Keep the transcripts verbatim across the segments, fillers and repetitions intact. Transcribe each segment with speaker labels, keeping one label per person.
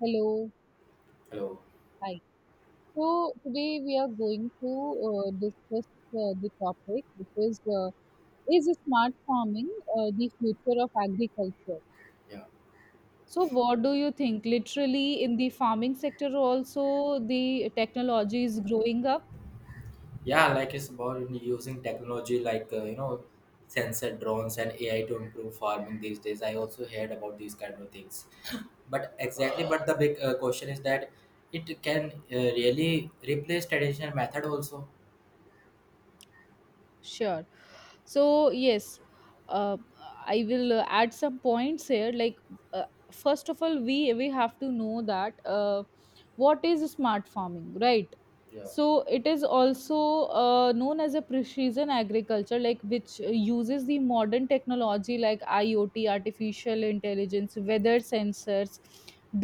Speaker 1: Hello,
Speaker 2: Hello.
Speaker 1: hi. So today we are going to uh, discuss uh, the topic, which is uh, is smart farming uh, the future of agriculture?
Speaker 2: Yeah.
Speaker 1: So, what do you think? Literally, in the farming sector, also the technology is growing up?
Speaker 2: Yeah, like it's about using technology like uh, you know sensor drones and A I to improve farming these days. I also heard about these kind of things. But exactly, but the big uh, question is that it can uh, really replace traditional method also.
Speaker 1: Sure. so yes uh, i will uh, add some points here like uh, first of all we we have to know that uh, what is smart farming, right?
Speaker 2: Yeah.
Speaker 1: So it is also uh, known as a precision agriculture, like which uses the modern technology like IoT, artificial intelligence, weather sensors,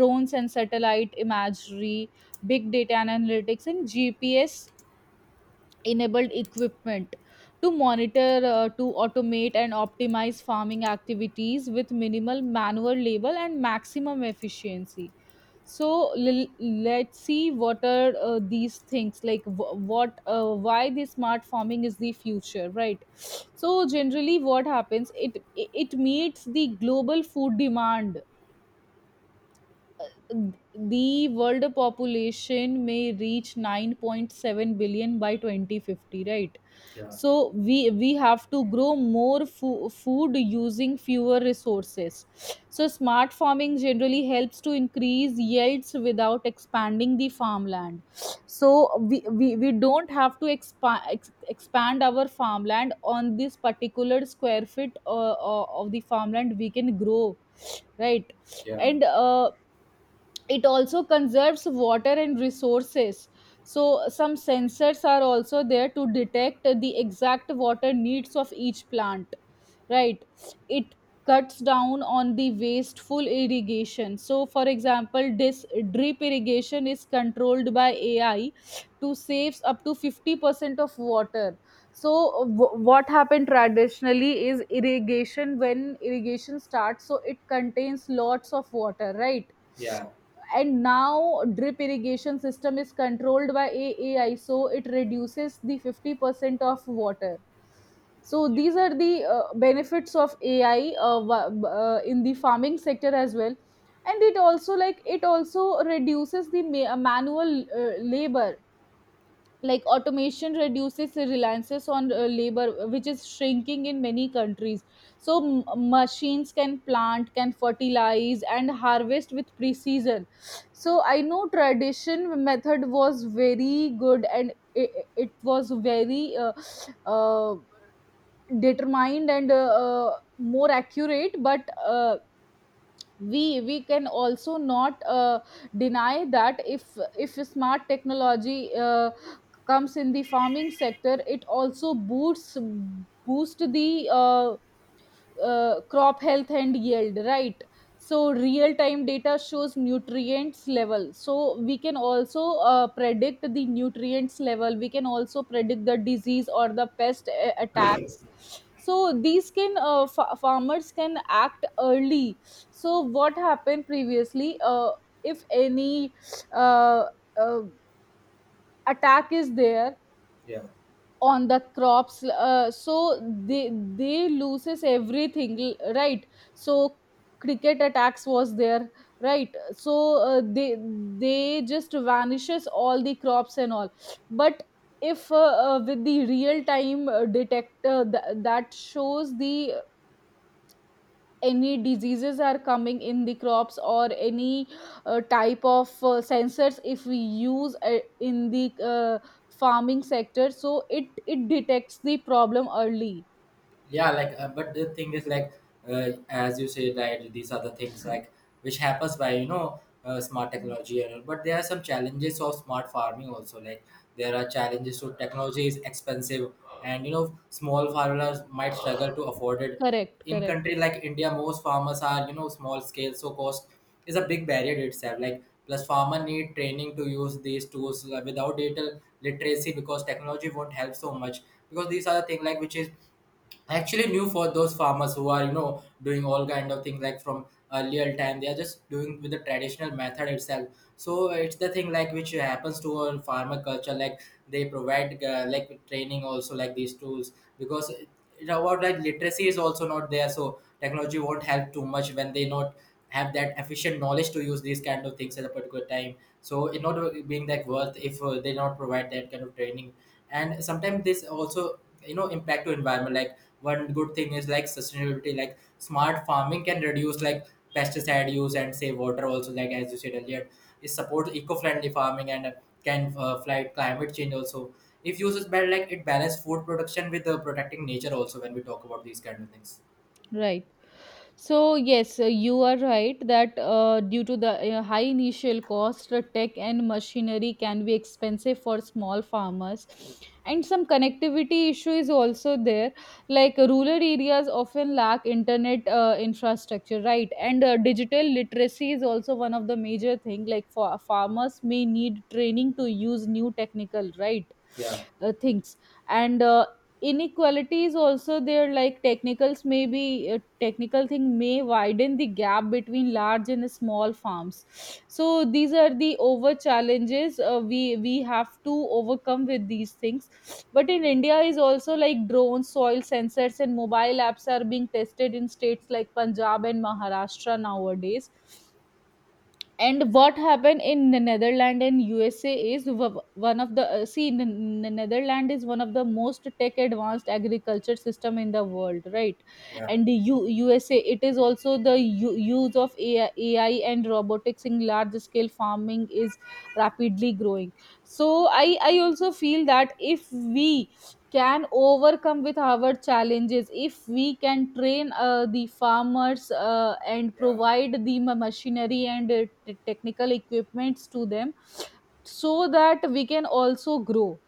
Speaker 1: drones and satellite imagery, big data and analytics, and GPS enabled equipment to monitor, uh, to automate and optimize farming activities with minimal manual labor and maximum efficiency. So l- let's see what are uh, these things, like w- what uh, why the smart farming is the future, right? So generally, what happens, it it meets the global food demand. The world population may reach nine point seven billion by twenty fifty, right?
Speaker 2: Yeah.
Speaker 1: So we we, have to grow more fo- food using fewer resources. So smart farming generally helps to increase yields without expanding the farmland. So we we, we don't have to expand ex- expand our farmland. On this particular square foot uh, uh, of the farmland we can grow, right?
Speaker 2: Yeah.
Speaker 1: And uh, it also conserves water and resources. So some sensors are also there to detect the exact water needs of each plant, right? It cuts down on the wasteful irrigation. So for example, this drip irrigation is controlled by AI to saves up to fifty percent of water. So w- what happened traditionally is irrigation, when irrigation starts, so it contains lots of water, right?
Speaker 2: Yeah.
Speaker 1: And now drip irrigation system is controlled by aai, so it reduces the fifty percent of water. So these are the uh, benefits of AI uh, wa- b- uh, in the farming sector as well. And it also, like it also reduces the ma- uh, manual uh, labor. Like automation reduces the reliances on uh, labor, which is shrinking in many countries. So m- machines can plant, can fertilize and harvest with precision. So I know tradition method was very good and it, it was very uh, uh, determined and uh, uh, more accurate, but uh, we we can also not uh, deny that if if smart technology uh, comes in the farming sector, it also boosts boost the uh, uh, crop health and yield, right? So real time data shows nutrients level, so we can also uh, predict the nutrients level, we can also predict the disease or the pest uh, attacks. So these can uh, fa- farmers can act early. So what happened previously, uh, if any uh, uh, attack is there
Speaker 2: Yeah.
Speaker 1: on the crops, uh, so they they loses everything, l- right? So cricket attacks was there, right? So uh, they they just vanishes all the crops and all. But if uh, uh, with the real time uh, detector th- that shows the any diseases are coming in the crops, or any uh, type of uh, sensors if we use uh, in the uh, farming sector, so it it detects the problem early.
Speaker 2: Yeah, like uh, but the thing is like, uh, as you say that these are the things like which happens by you know uh, smart technology and all. But there are some challenges of smart farming also, like there are challenges. So technology is expensive, and you know small farmers might struggle to afford it.
Speaker 1: Correct,
Speaker 2: In
Speaker 1: correct.
Speaker 2: country like India most farmers are, you know small scale, so cost is a big barrier itself. Like plus farmer need training to use these tools uh, without digital literacy, because technology won't help so much, because these are the things like which is actually new for those farmers who are, you know doing all kind of things like from earlier time they are just doing with the traditional method itself. So it's the thing like which happens to our farmer culture, like they provide uh, like training also like these tools, because it, it about, like literacy is also not there, so technology won't help too much when they not have that efficient knowledge to use these kind of things at a particular time. So it not being that worth if uh, they not provide that kind of training. And sometimes this also, you know impact to environment. Like one good thing is like sustainability, like smart farming can reduce like pesticide use and save water also, like as you said earlier, it supports eco-friendly farming and uh, can uh, fight climate change also. If used better, like it balance food production with uh, protecting nature also when we talk about these kind of things.
Speaker 1: Right. So yes, uh, you are right that uh, due to the uh, high initial cost, uh, tech and machinery can be expensive for small farmers. And some connectivity issue is also there. Like rural areas often lack internet uh, infrastructure, right? And uh, digital literacy is also one of the major thing. Like for farmers may need training to use new technical, right?
Speaker 2: Yeah.
Speaker 1: Uh, things. And uh, inequality is also there, like technicals may be uh, technical thing may widen the gap between large and small farms. So these are the over challenges uh, we we have to overcome with these things. But in India is also like drone soil sensors and mobile apps are being tested in states like Punjab and Maharashtra nowadays. And what happened in the Netherlands and U S A is, w- one of the uh, see, in the N- Netherlands is one of the most tech advanced agriculture system in the world, right?
Speaker 2: Yeah.
Speaker 1: And the U- USA, it is also the u- use of A I, A I and robotics in large scale farming is rapidly growing. So I I also feel that if we can overcome with our challenges, if we can train uh, the farmers uh, and
Speaker 2: Yeah.
Speaker 1: provide the ma- machinery and uh, t- technical equipments to them, so that we can also grow,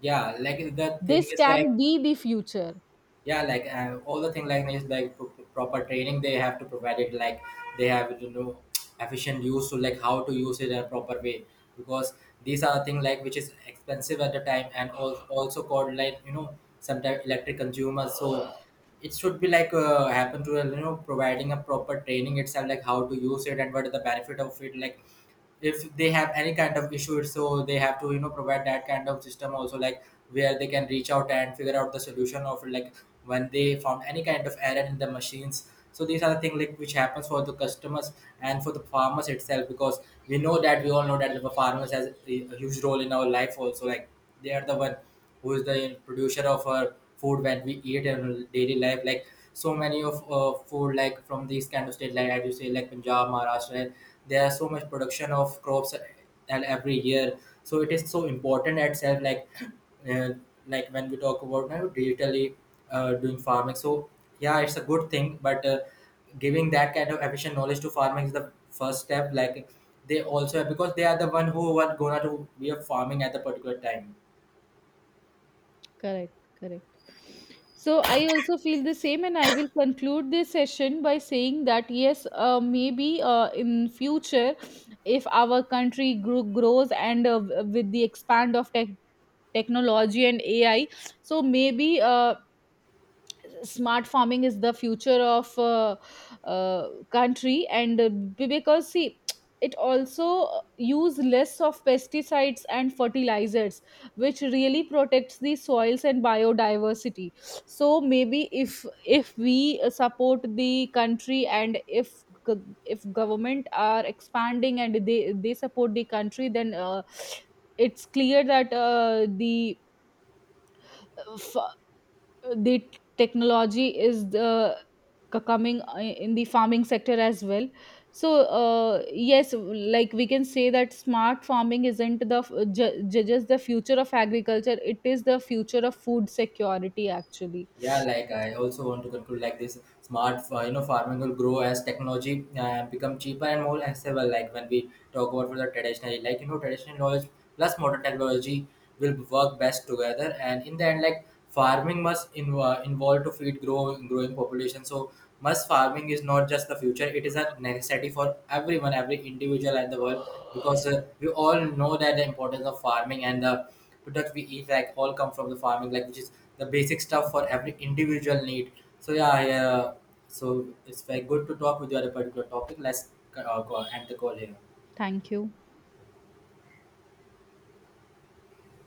Speaker 2: Yeah, like the thing
Speaker 1: this
Speaker 2: is like.
Speaker 1: can be the future.
Speaker 2: Yeah, like uh, all the thing like is like pro- proper training they have to provide it. Like they have to know efficient use to like how to use it in a proper way, because these are thing like which is expensive at the time and also also called like, you know sometimes electric consumers. So it should be like uh, happen to, you know providing a proper training itself, like how to use it and what is the benefit of it. Like if they have any kind of issue, so they have to, you know provide that kind of system also, like where they can reach out and figure out the solution of like when they found any kind of error in the machines. So these are the things like which happens for the customers and for the farmers itself, because we know that we all know that the farmers has a a huge role in our life also. Like they are the one who is the producer of our food when we eat in our daily life. Like so many of uh, food like from these kind of state, like as you say like Punjab, Maharashtra, and there are so much production of crops and every year. So it is so important itself. Like uh, like when we talk about now digitally uh, doing farming, so yeah it's a good thing. But uh, giving that kind of efficient knowledge to farming is the first step. Like they also, because they are the one who are gonna to be a farming at the particular time.
Speaker 1: Correct, correct. So I also feel the same, and I will conclude this session by saying that yes, uh, maybe uh, in future, if our country gro- grows and uh, with the expand of tech technology and A I, so maybe uh, smart farming is the future of uh, uh, country. And uh, be- because see, it also uh, use less of pesticides and fertilizers, which really protects the soils and biodiversity. So maybe if if we uh, support the country, and if, g- if government are expanding and they they support the country, then uh, it's clear that uh, the uh, the t- technology is the c- coming uh, in the farming sector as well. So uh, yes, like we can say that smart farming isn't the f- ju- ju- just the future of agriculture, it is the future of food security actually.
Speaker 2: Yeah, like I also want to conclude like this smart, uh, you know farming will grow as technology uh, become cheaper and more accessible, like when we talk about for the traditional, like you know traditional knowledge plus modern technology will work best together. And in the end, like farming must in, uh, involve to feed grow growing population. So must farming is not just the future, it is a necessity for everyone, every individual in the world. Because uh, we all know that the importance of farming and the products we eat like all come from the farming, like which is the basic stuff for every individual need. So yeah, I, uh, so it's very good to talk with you on a particular topic. Let's uh, go- end the call here.
Speaker 1: Thank you.